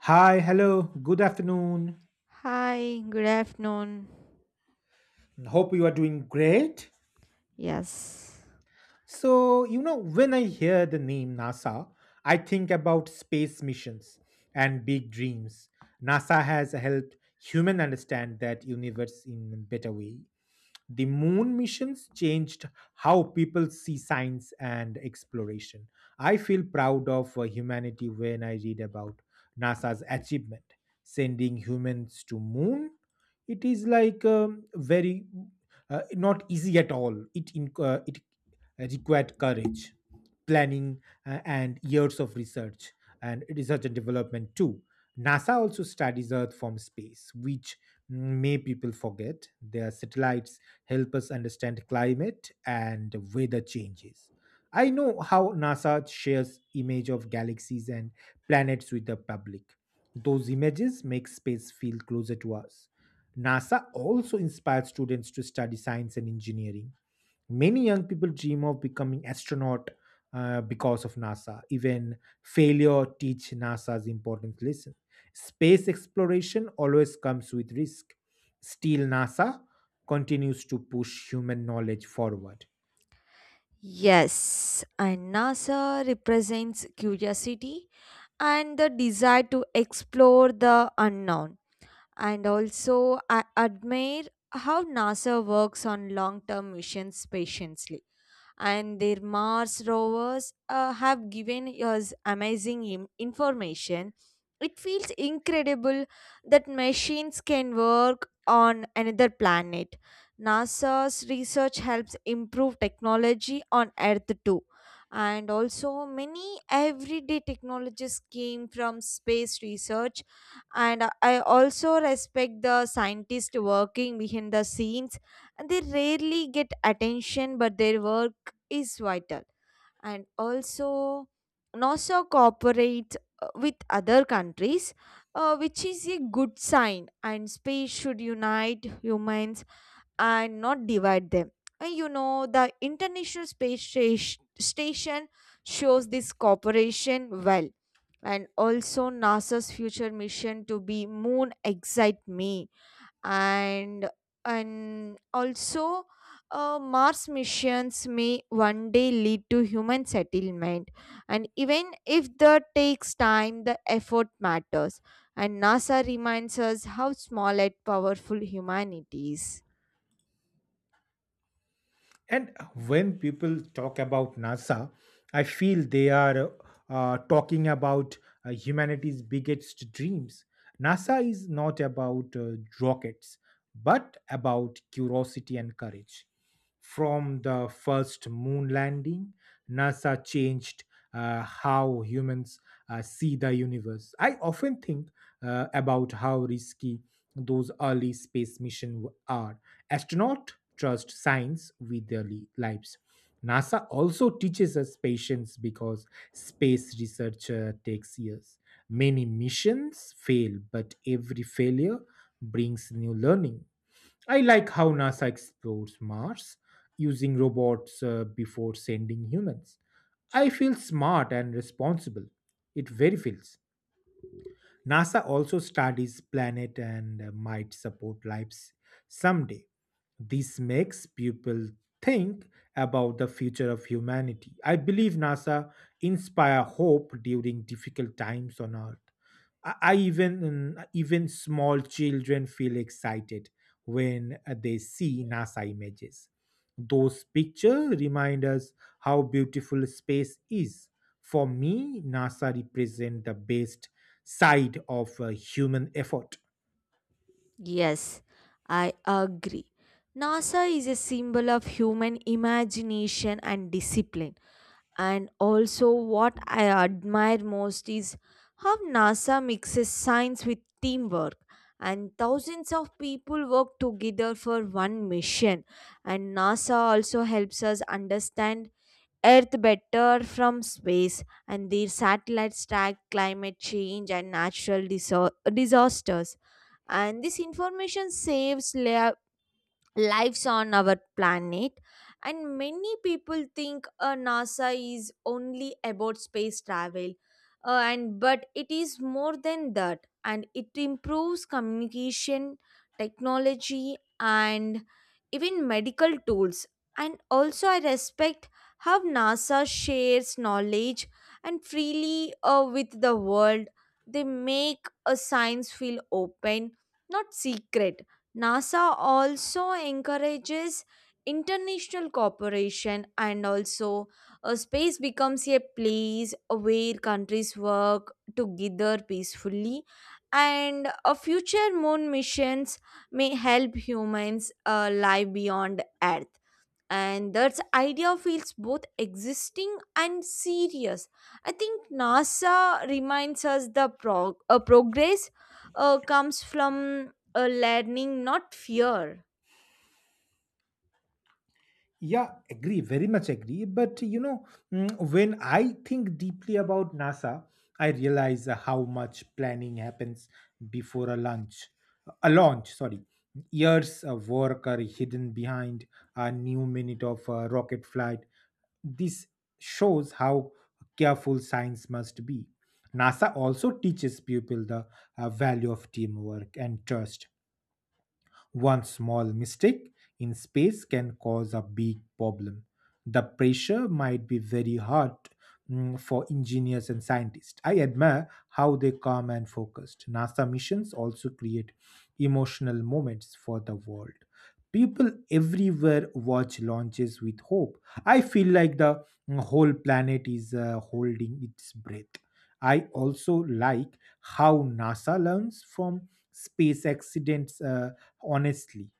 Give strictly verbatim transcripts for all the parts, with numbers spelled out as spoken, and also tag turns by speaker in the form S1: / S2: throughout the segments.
S1: Hi, hello, good afternoon.
S2: Hi, good afternoon.
S1: Hope you are doing great.
S2: Yes.
S1: So, you know, when I hear the name NASA, I think about space missions and big dreams. NASA has helped human understand that universe in a better way. The moon missions changed how people see science and exploration. I feel proud of uh, humanity when I read about NASA's achievement sending humans to moon. It is like um, very uh, not easy at all. It in, uh, it required courage, planning, uh, and years of research and research and development too. NASA also studies Earth from space, which may people forget. Their satellites help us understand climate and weather changes. I know how NASA shares image of galaxies and planets with the public. Those images make space feel closer to us. NASA also inspires students to study science and engineering. Many young people dream of becoming astronaut uh, because of NASA. Even failure teach NASA's important lesson. Space exploration always comes with risk. Still, NASA continues to push human knowledge forward.
S2: Yes, and NASA represents curiosity and the desire to explore the unknown. And also, I admire how NASA works on long term missions patiently, and their Mars rovers uh, have given us amazing im- information. It feels incredible that machines can work on another planet. NASA's research helps improve technology on Earth too. And also, many everyday technologies came from space research. And I also respect the scientists working behind the scenes, and they rarely get attention but their work is vital. And also, NASA cooperates uh, with other countries, uh, which is a good sign, and space should unite humans and not divide them. And you know the international space Stas- station shows this cooperation well. And also, NASA's future mission to be moon excite me. And and also, uh, Mars missions may one day lead to human settlement, and even if that takes time the effort matters. And NASA reminds us how small and powerful humanity is.
S1: And when people talk about NASA, I feel they are uh, talking about uh, humanity's biggest dreams. NASA is not about uh, rockets, but about curiosity and courage. From the first moon landing, NASA changed uh, how humans uh, see the universe. I often think uh, about how risky those early space missions are. Astronauts trust science with their li- lives. NASA also teaches us patience because space research uh, takes years. Many missions fail, but every failure brings new learning. I like how NASA explores Mars using robots uh, before sending humans. I feel smart and responsible. It very feels. NASA also studies planet and uh, might support lives someday. This makes people think about the future of humanity. I believe NASA inspire hope during difficult times on Earth. I, I even mm, even small children feel excited when uh, they see NASA images. Those pictures remind us how beautiful space is. For me, NASA represents the best side of uh, human effort.
S2: Yes, I agree. NASA is a symbol of human imagination and discipline. And also, what I admire most is how NASA mixes science with teamwork. And thousands of people work together for one mission. And NASA also helps us understand Earth better from space. And their satellites track climate change and natural disa- disasters. And this information saves la- lives on our planet. And many people think uh, NASA is only about space travel, uh, and but it is more than that, and it improves communication technology and even medical tools. And also, I respect how NASA shares knowledge and freely uh, with the world. They make a science feel open, not secret. NASA also encourages international cooperation. And also, uh, space becomes a place where countries work together peacefully, and a future moon missions may help humans uh, live beyond Earth. And that idea feels both existing and serious. I think NASA reminds us the prog- uh, progress uh, comes from uh, learning, not fear.
S1: Yeah, agree, very much agree. But you know, mm, when I think deeply about NASA, I realize uh, how much planning happens before a launch. A launch, sorry. Years of work are hidden behind a new minute of uh, rocket flight. This shows how careful science must be. NASA also teaches people the uh, value of teamwork and trust. One small mistake in space can cause a big problem. The pressure might be very hard mm, for engineers and scientists. I admire how they calm and focused. NASA missions also create emotional moments for the world. People everywhere watch launches with hope. I feel like the mm, whole planet is uh, holding its breath. I also like how NASA learns from space accidents uh, honestly,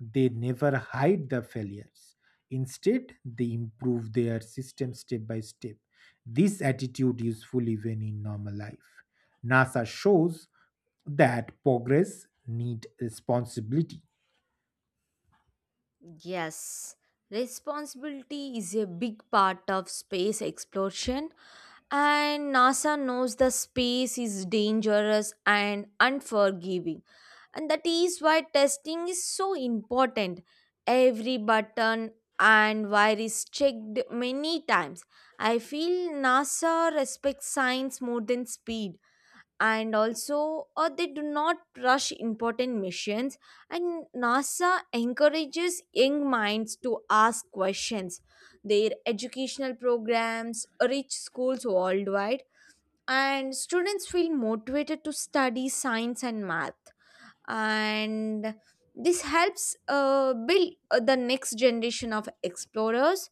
S1: they never hide the failures. Instead, they improve their system step by step. This attitude is full even in normal life. Nasa shows that progress need responsibility.
S2: Yes, responsibility is a big part of space exploration, and NASA knows the space is dangerous and unforgiving. And that is why testing is so important. Every button and wire is checked many times. I feel NASA respects science more than speed. And also, uh, they do not rush important missions. And NASA encourages young minds to ask questions. Their educational programs reach schools worldwide, and students feel motivated to study science and math. And this helps uh, build uh, the next generation of explorers.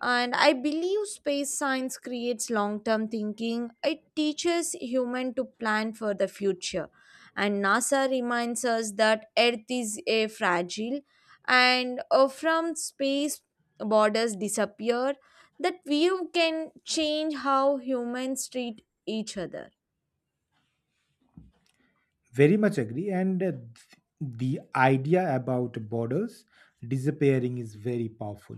S2: And I believe space science creates long term thinking. It teaches human to plan for the future. And NASA reminds us that earth is a fragile, and uh, from space borders disappear. That view can change how humans treat each other.
S1: Very much agree. And uh, th- the idea about borders disappearing is very powerful.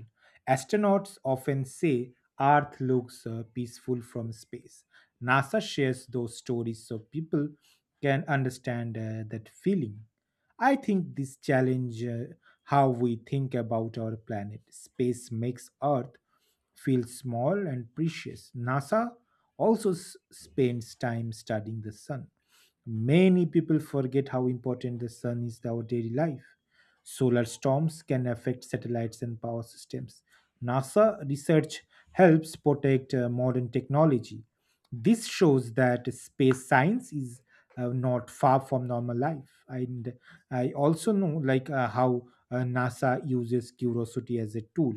S1: Astronauts often say Earth looks uh, peaceful from space. NASA shares those stories so people can understand uh, that feeling. I think this challenge uh, how we think about our planet. Space makes Earth feel small and precious. NASA also s- spends time studying the sun. Many people forget how important the sun is to our daily life. Solar storms can affect satellites and power systems. NASA research helps protect uh, modern technology. This shows that space science is uh, not far from normal life. And I also know like uh, how uh, NASA uses curiosity as a tool.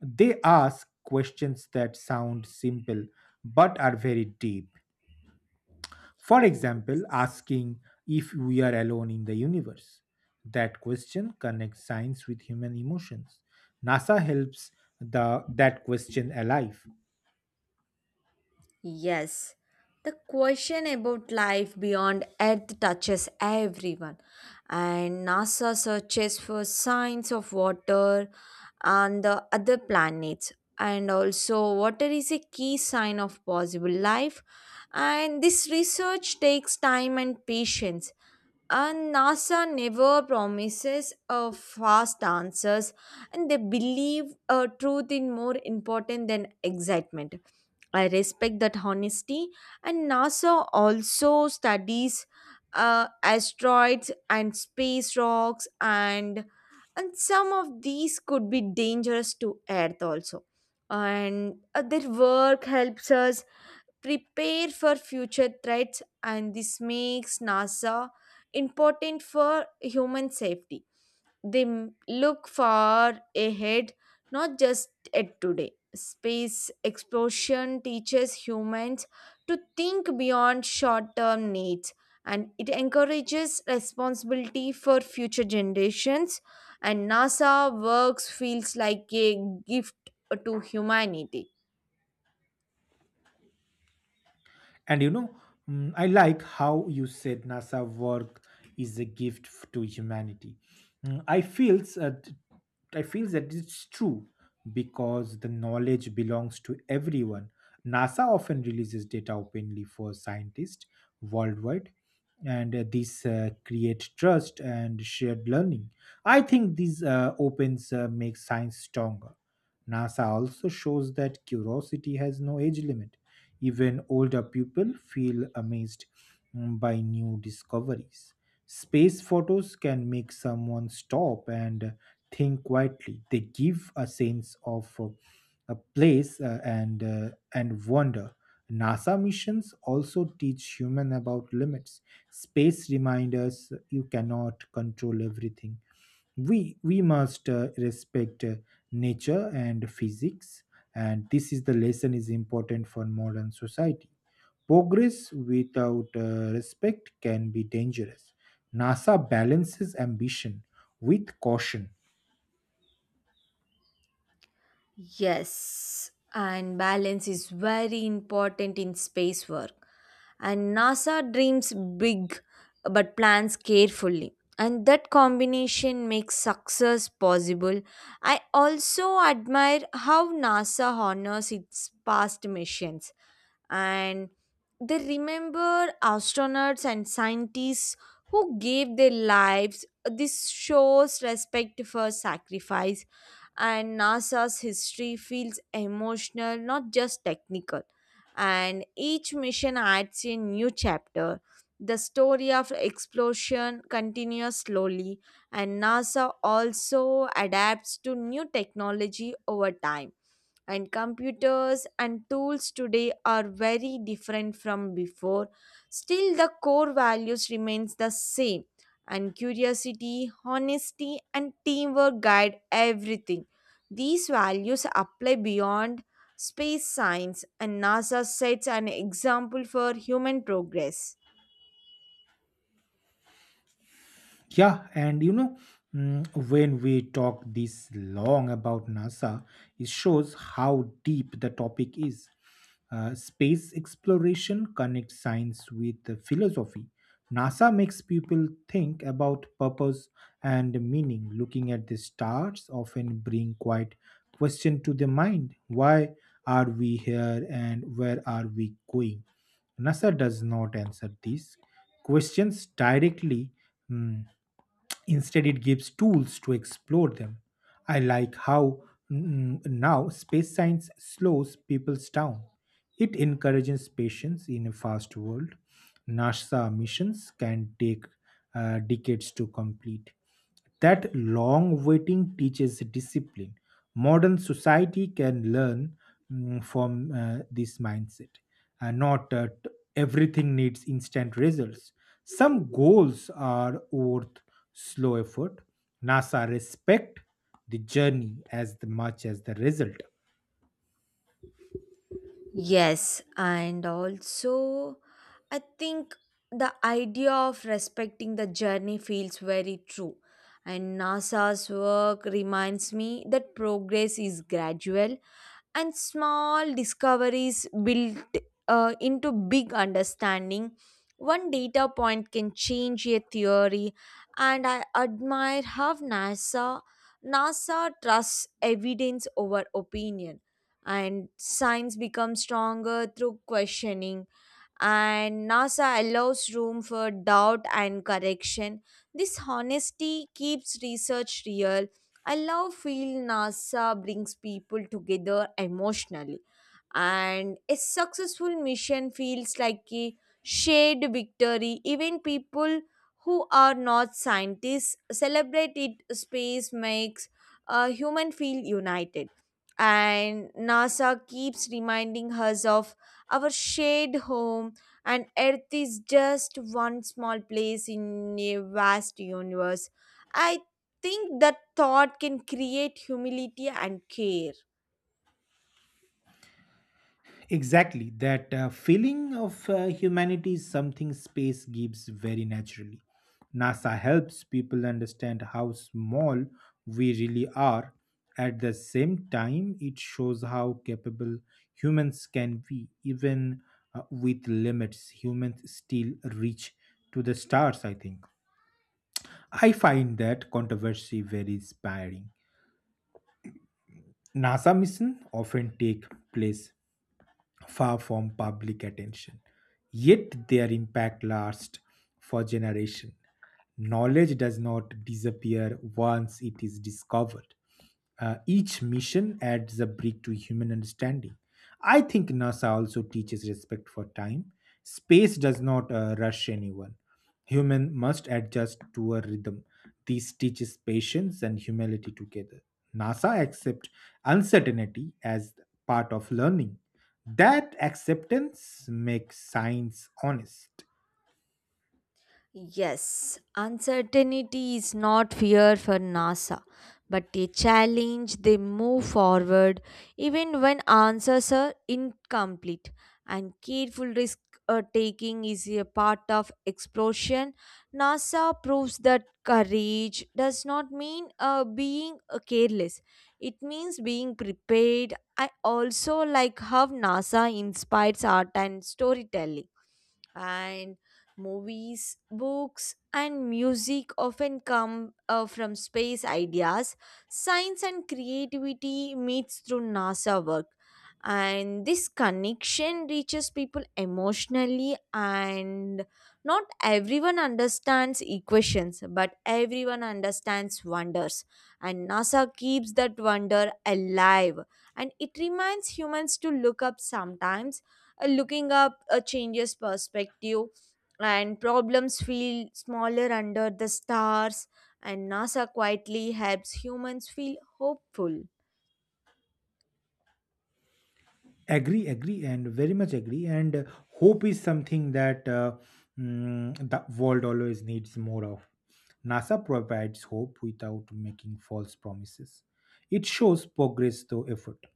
S1: They ask questions that sound simple but are very deep. For example, asking if we are alone in the universe. That question connects science with human emotions. NASA helps the, that question alive.
S2: Yes, the question about life beyond Earth touches everyone, and NASA searches for signs of water on the other planets. And also, water is a key sign of possible life, and this research takes time and patience. And NASA never promises uh, fast answers, and they believe uh, truth is more important than excitement. I respect that honesty, and NASA also studies uh, asteroids and space rocks, and and some of these could be dangerous to Earth also. And uh, their work helps us prepare for future threats, and this makes NASA important for human safety. They m- look far ahead, not just at today. Space exploration teaches humans to think beyond short term needs, and it encourages responsibility for future generations. And NASA works feels like a gift to humanity.
S1: And you know, mm, I like how you said NASA work is a gift f- to humanity. Mm, I feels that I feel that it's true because the knowledge belongs to everyone. NASA often releases data openly for scientists worldwide, and uh, this uh, create trust and shared learning. I think these uh, opens uh, make science stronger. NASA also shows that curiosity has no age limit. Even older people feel amazed mm, by new discoveries. Space photos can make someone stop and think quietly. They give a sense of uh, a place uh, and uh, and wonder. NASA missions also teach human about limits. Space remind us you cannot control everything. We we must uh, respect uh, nature and physics. And this is the lesson is important for modern society. Progress without uh, respect can be dangerous. Nasa balances ambition with caution.
S2: Yes, and balance is very important in space work. And NASA dreams big but plans carefully. And that combination makes success possible. I also admire how NASA honors its past missions, and they remember astronauts and scientists who gave their lives. This shows respect for sacrifice, and NASA's history feels emotional, not just technical. And each mission adds a new chapter. The story of explosion continues slowly, and NASA also adapts to new technology over time. And computers and tools today are very different from before. Still, the core values remains the same, and curiosity, honesty and teamwork guide everything. These values apply beyond space science, and NASA sets an example for human progress.
S1: Yeah, and you know, mm, when we talk this long about NASA, it shows how deep the topic is. Uh, space exploration connects science with the philosophy. NASA makes people think about purpose and meaning. Looking at the stars often bring quite question to the mind. Why are we here and where are we going? NASA does not answer these questions directly. mm, Instead, it gives tools to explore them. I like how mm, now space science slows people down. It encourages patience in a fast world. NASA missions can take uh, decades to complete. That long waiting teaches discipline. Modern society can learn mm, from uh, this mindset. Uh, not uh, t- everything needs instant results. Some goals are worth slow effort. NASA respect the journey as the- much as the result.
S2: Yes, and also I think the idea of respecting the journey feels very true. And NASA's work reminds me that progress is gradual, and small discoveries built uh, into big understanding. One data point can change a theory, and I admire how NASA NASA trusts evidence over opinion. And science becomes stronger through questioning, and NASA allows room for doubt and correction. This honesty keeps research real. I love feel NASA brings people together emotionally, and a successful mission feels like a shared victory. Even people who are not scientists celebrate it. Space makes a human feel united, and NASA keeps reminding us of our shared home. And earth is just one small place in a vast universe. I think that thought can create humility and care.
S1: Exactly, that uh, feeling of uh, humanity is something space gives very naturally. NASA helps people understand how small we really are. At the same time, it shows how capable humans can be. Even uh, with limits, humans still reach to the stars, I think. I find that controversy very inspiring. NASA missions often take place far from public attention, yet their impact lasts for generations. Knowledge does not disappear once it is discovered. Uh, each mission adds a brick to human understanding. I think NASA also teaches respect for time. Space does not uh, rush anyone. Human must adjust to a rhythm. This teaches patience and humility together. NASA accepts uncertainty as part of learning. That acceptance makes science honest.
S2: Yes, uncertainty is not fear for NASA, but a challenge. They move forward even when answers are incomplete. And careful risk uh, taking is a part of exploration. NASA proves that courage does not mean uh, being uh, careless, it means being prepared. I also like how NASA inspires art and storytelling, and movies, books, and music often come uh, from space ideas. Science and creativity meets through NASA work, and this connection reaches people emotionally. And not everyone understands equations, but everyone understands wonders, and NASA keeps that wonder alive. And it reminds humans to look up sometimes. Uh, looking up uh, changes perspective, and problems feel smaller under the stars. And NASA quietly helps humans feel hopeful.
S1: Agree, agree, and very much agree. And uh, hope is something that uh, mm, the world always needs more of. Nasa provides hope without making false promises. It shows progress through effort,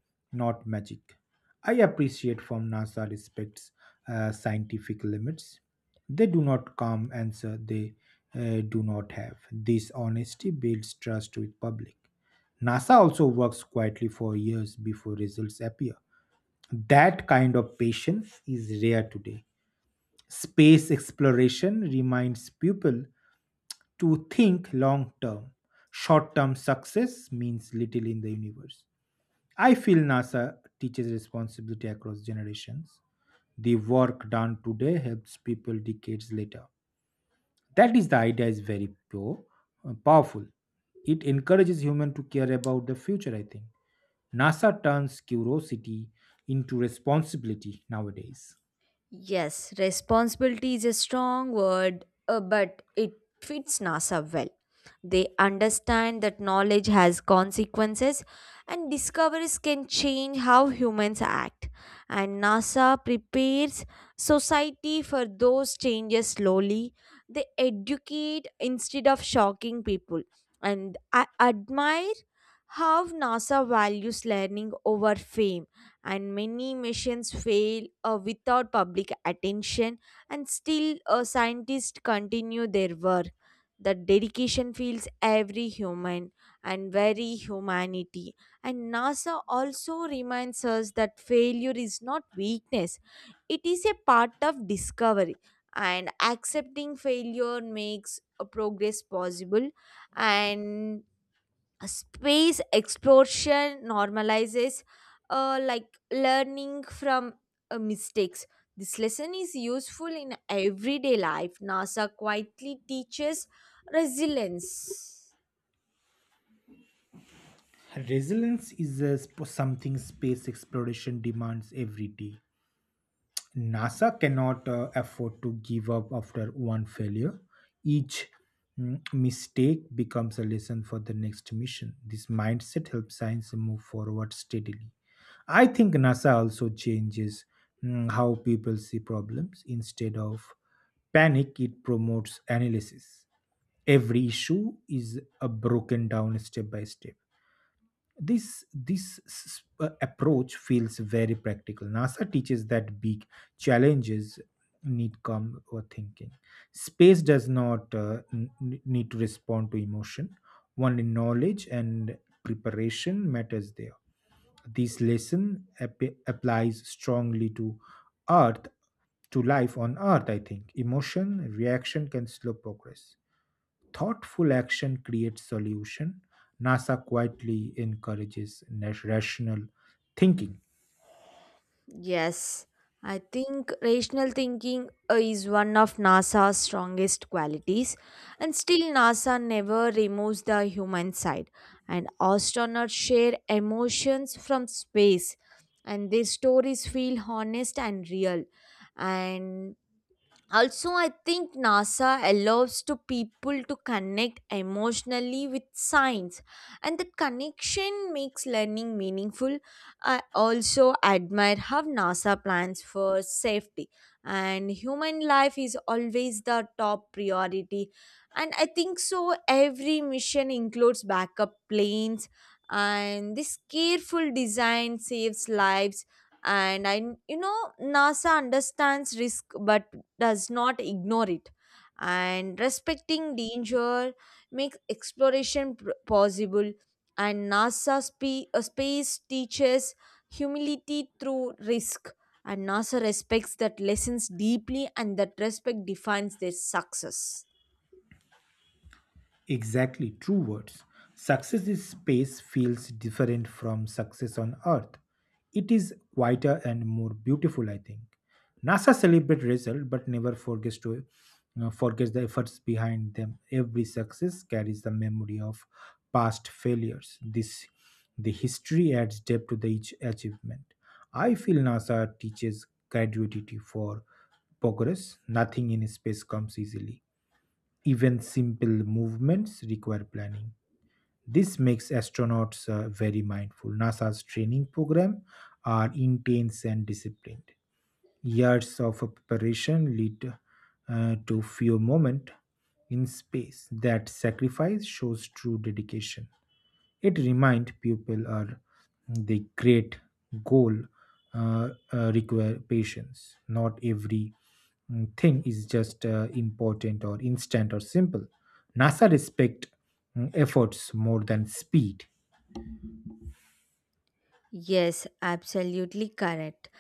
S1: not magic. I appreciate from nasa respects uh, scientific limits. They do not come answer they uh, do not have. This honesty builds trust with public. Nasa also works quietly for years before results appear. That kind of patience is rare today. Space exploration reminds people to think long term. Short term success means little in the universe. I feel NASA teaches responsibility across generations. The work done today helps people decades later. That is the idea is very pure, uh, powerful. It encourages human to care about the future, I think. NASA turns curiosity into responsibility nowadays.
S2: Yes, responsibility is a strong word, uh, but it fits NASA well. They understand that knowledge has consequences, and discoveries can change how humans act. And NASA prepares society for those changes slowly. They educate instead of shocking people. And I admire how NASA values learning over fame. And many missions fail uh, without public attention, and still uh, scientists continue their work. The dedication feels every human and very humanity. And NASA also reminds us that failure is not weakness, it is a part of discovery. And accepting failure makes a progress possible. And a space exploration normalizes uh, like learning from uh, mistakes. This lesson is useful in everyday life. NASA quietly teaches resilience.
S1: Resilience is uh, sp- something space exploration demands every day. NASA cannot uh, afford to give up after one failure. Each mm, mistake becomes a lesson for the next mission. This mindset helps science move forward steadily. I think NASA also changes mm, how people see problems. Instead of panic, it promotes analysis. Every issue is uh, broken down step by step. This this s- uh, approach feels very practical. Nasa teaches that big challenges need calm or thinking. Space does not uh, n- n- need to respond to emotion. Only knowledge and preparation matters there. This lesson ap- applies strongly to earth, to life on earth. I think emotion reaction can slow progress. Thoughtful action creates solution. Nasa quietly encourages na- rational thinking.
S2: Yes, I think rational thinking uh, is one of NASA's strongest qualities, and still, NASA never removes the human side. And astronauts share emotions from space, and their stories feel honest and real. And also, I think NASA allows to people to connect emotionally with science, and that connection makes learning meaningful. I also admire how NASA plans for safety, and human life is always the top priority. And I think so every mission includes backup planes, and this careful design saves lives. And I, you know, NASA understands risk but does not ignore it. And respecting danger makes exploration pr- possible. And NASA spe- uh, space teaches humility through risk, and NASA respects that lessons deeply, and that respect defines their success.
S1: Exactly, true words. Success in space feels different from success on Earth. It is quieter and more beautiful, I think. NASA celebrates result but never forgets to you forgets the efforts behind them. Every success carries the memory of past failures. This the history adds depth to the each achievement. I feel NASA teaches graduity for progress. Nothing in space comes easily. Even simple movements require planning. This makes astronauts uh, very mindful. NASA's training program are intense and disciplined. Years of preparation lead uh, to few moments in space. That sacrifice shows true dedication. It reminds people are the great goal uh, uh, require patience. Not every mm, thing is just uh, important or instant or simple. NASA respect mm, efforts more than speed.
S2: Yes, absolutely correct.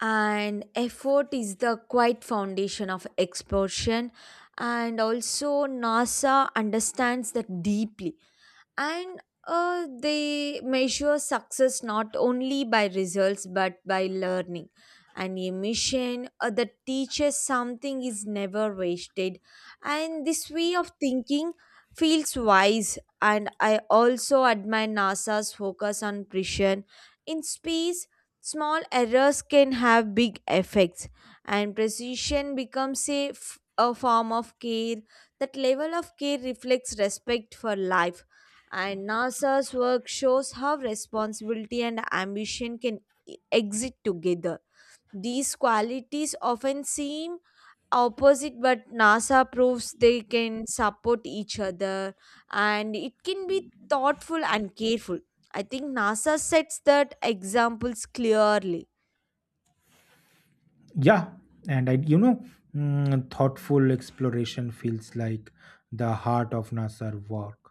S2: And effort is the quiet foundation of exploration, and also NASA understands that deeply. And uh, they measure success not only by results but by learning, and a mission uh, that teaches something is never wasted. And this way of thinking feels wise. And I also admire NASA's focus on precision. In space, small errors can have big effects, and precision becomes a, f- a form of care. That level of care reflects respect for life, and NASA's work shows how responsibility and ambition can e- exist together. These qualities often seem opposite, but NASA proves they can support each other, and it can be thoughtful and careful. I think NASA sets that examples clearly.
S1: Yeah, and I, you know, mm, thoughtful exploration feels like the heart of NASA work.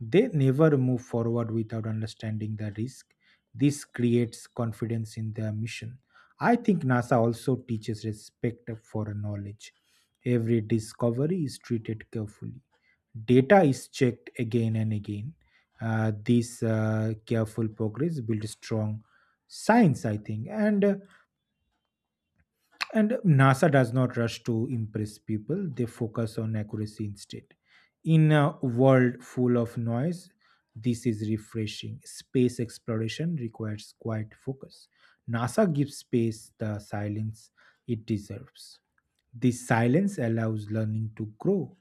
S1: They never move forward without understanding the risk. This creates confidence in their mission. I think NASA also teaches respect for knowledge. Every discovery is treated carefully. Data is checked again and again. Uh, this uh, careful progress builds strong science, I think. And uh, and NASA does not rush to impress people, they focus on accuracy instead. In a world full of noise, this is refreshing. Space exploration requires quiet focus. NASA gives space the silence it deserves. This silence allows learning to grow.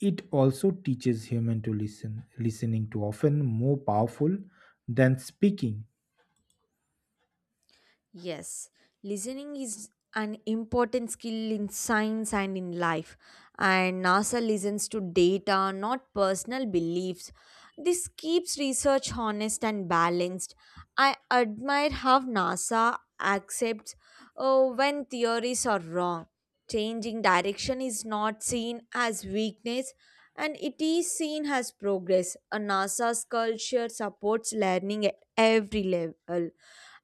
S1: It also teaches human to listen, listening to often more powerful than speaking.
S2: Yes, listening is an important skill in science and in life. And NASA listens to data, not personal beliefs. This keeps research honest and balanced. I admire how NASA accepts uh, when theories are wrong. Changing direction is not seen as weakness, and it is seen as progress. A NASA's culture supports learning at every level.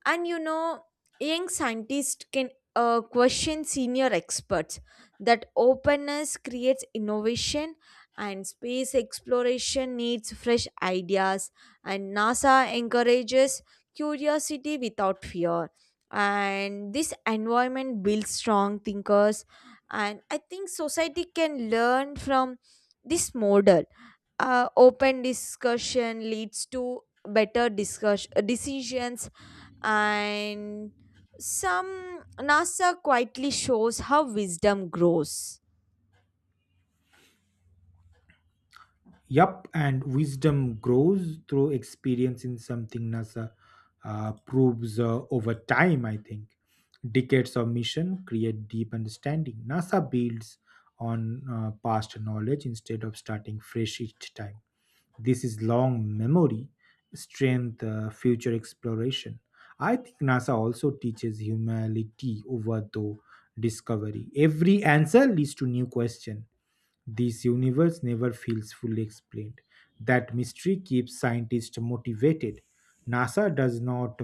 S2: And you know, young scientists can uh, question senior experts. That openness creates innovation, and space exploration needs fresh ideas. And NASA encourages curiosity without fear. And this environment builds strong thinkers. And I think society can learn from this model. Uh, open discussion leads to better discuss- uh, decisions, and some NASA quietly shows how wisdom grows.
S1: Yup, and wisdom grows through experience in something NASA uh, proves uh, over time, I think. Decades of mission create deep understanding. NASA builds on uh, past knowledge instead of starting fresh each time. This is long memory, strength, uh, future exploration. I think NASA also teaches humility over the discovery. Every answer leads to new question. This universe never feels fully explained. That mystery keeps scientists motivated. NASA does not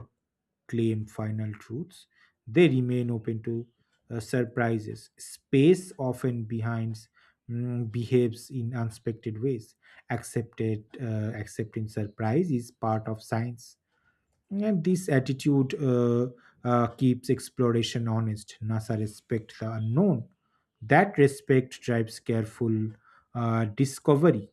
S1: claim final truths, they remain open to uh, surprises. Space often behinds mm, behaves in unexpected ways. Accepted, uh, accepting surprise is part of science. And this attitude uh, uh, keeps exploration honest. NASA respects the unknown. That respect drives careful uh, discovery.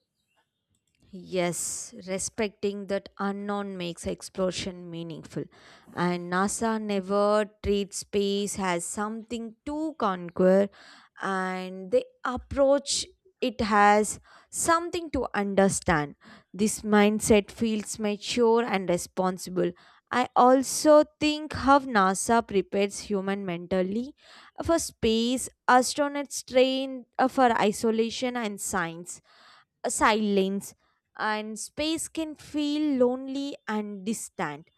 S2: Yes, respecting that unknown makes exploration meaningful. And NASA never treats space as something to conquer, and they approach it as something to understand. This mindset feels mature and responsible. I also think how NASA prepares human mentally for space. Astronauts train uh, for isolation and science, uh, silence. And space can feel lonely and distant.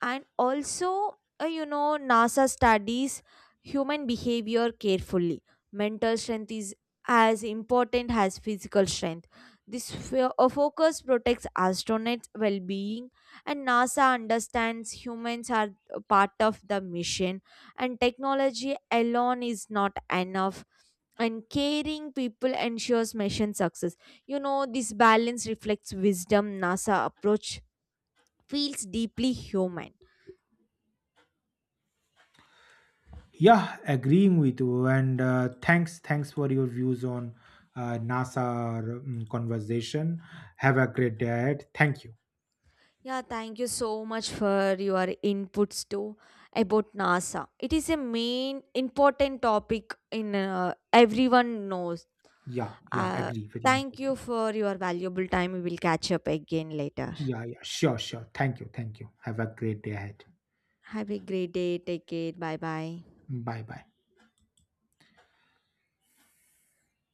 S2: And also, uh, you know, NASA studies human behavior carefully. Mental strength is as important as physical strength. This fo- uh, focus protects astronauts well-being, and NASA understands humans are a part of the mission, and technology alone is not enough, and caring people ensures mission success. You know, this balance reflects wisdom NASA approach feels deeply human.
S1: Yeah, agreeing with you. And uh, thanks, thanks for your views on uh, NASA um, conversation. Have a great day. ahead. Thank you.
S2: Yeah, thank you so much for your inputs too about NASA. It is a main important topic in uh, everyone knows.
S1: Yeah, yeah,
S2: Uh,
S1: agree. Very much
S2: thank you
S1: agree.
S2: for your valuable time. We will catch up again later.
S1: Yeah, yeah, sure, sure. Thank you, thank you. Have a great day ahead.
S2: Have a great day. Take care. Bye bye.
S1: Bye, bye.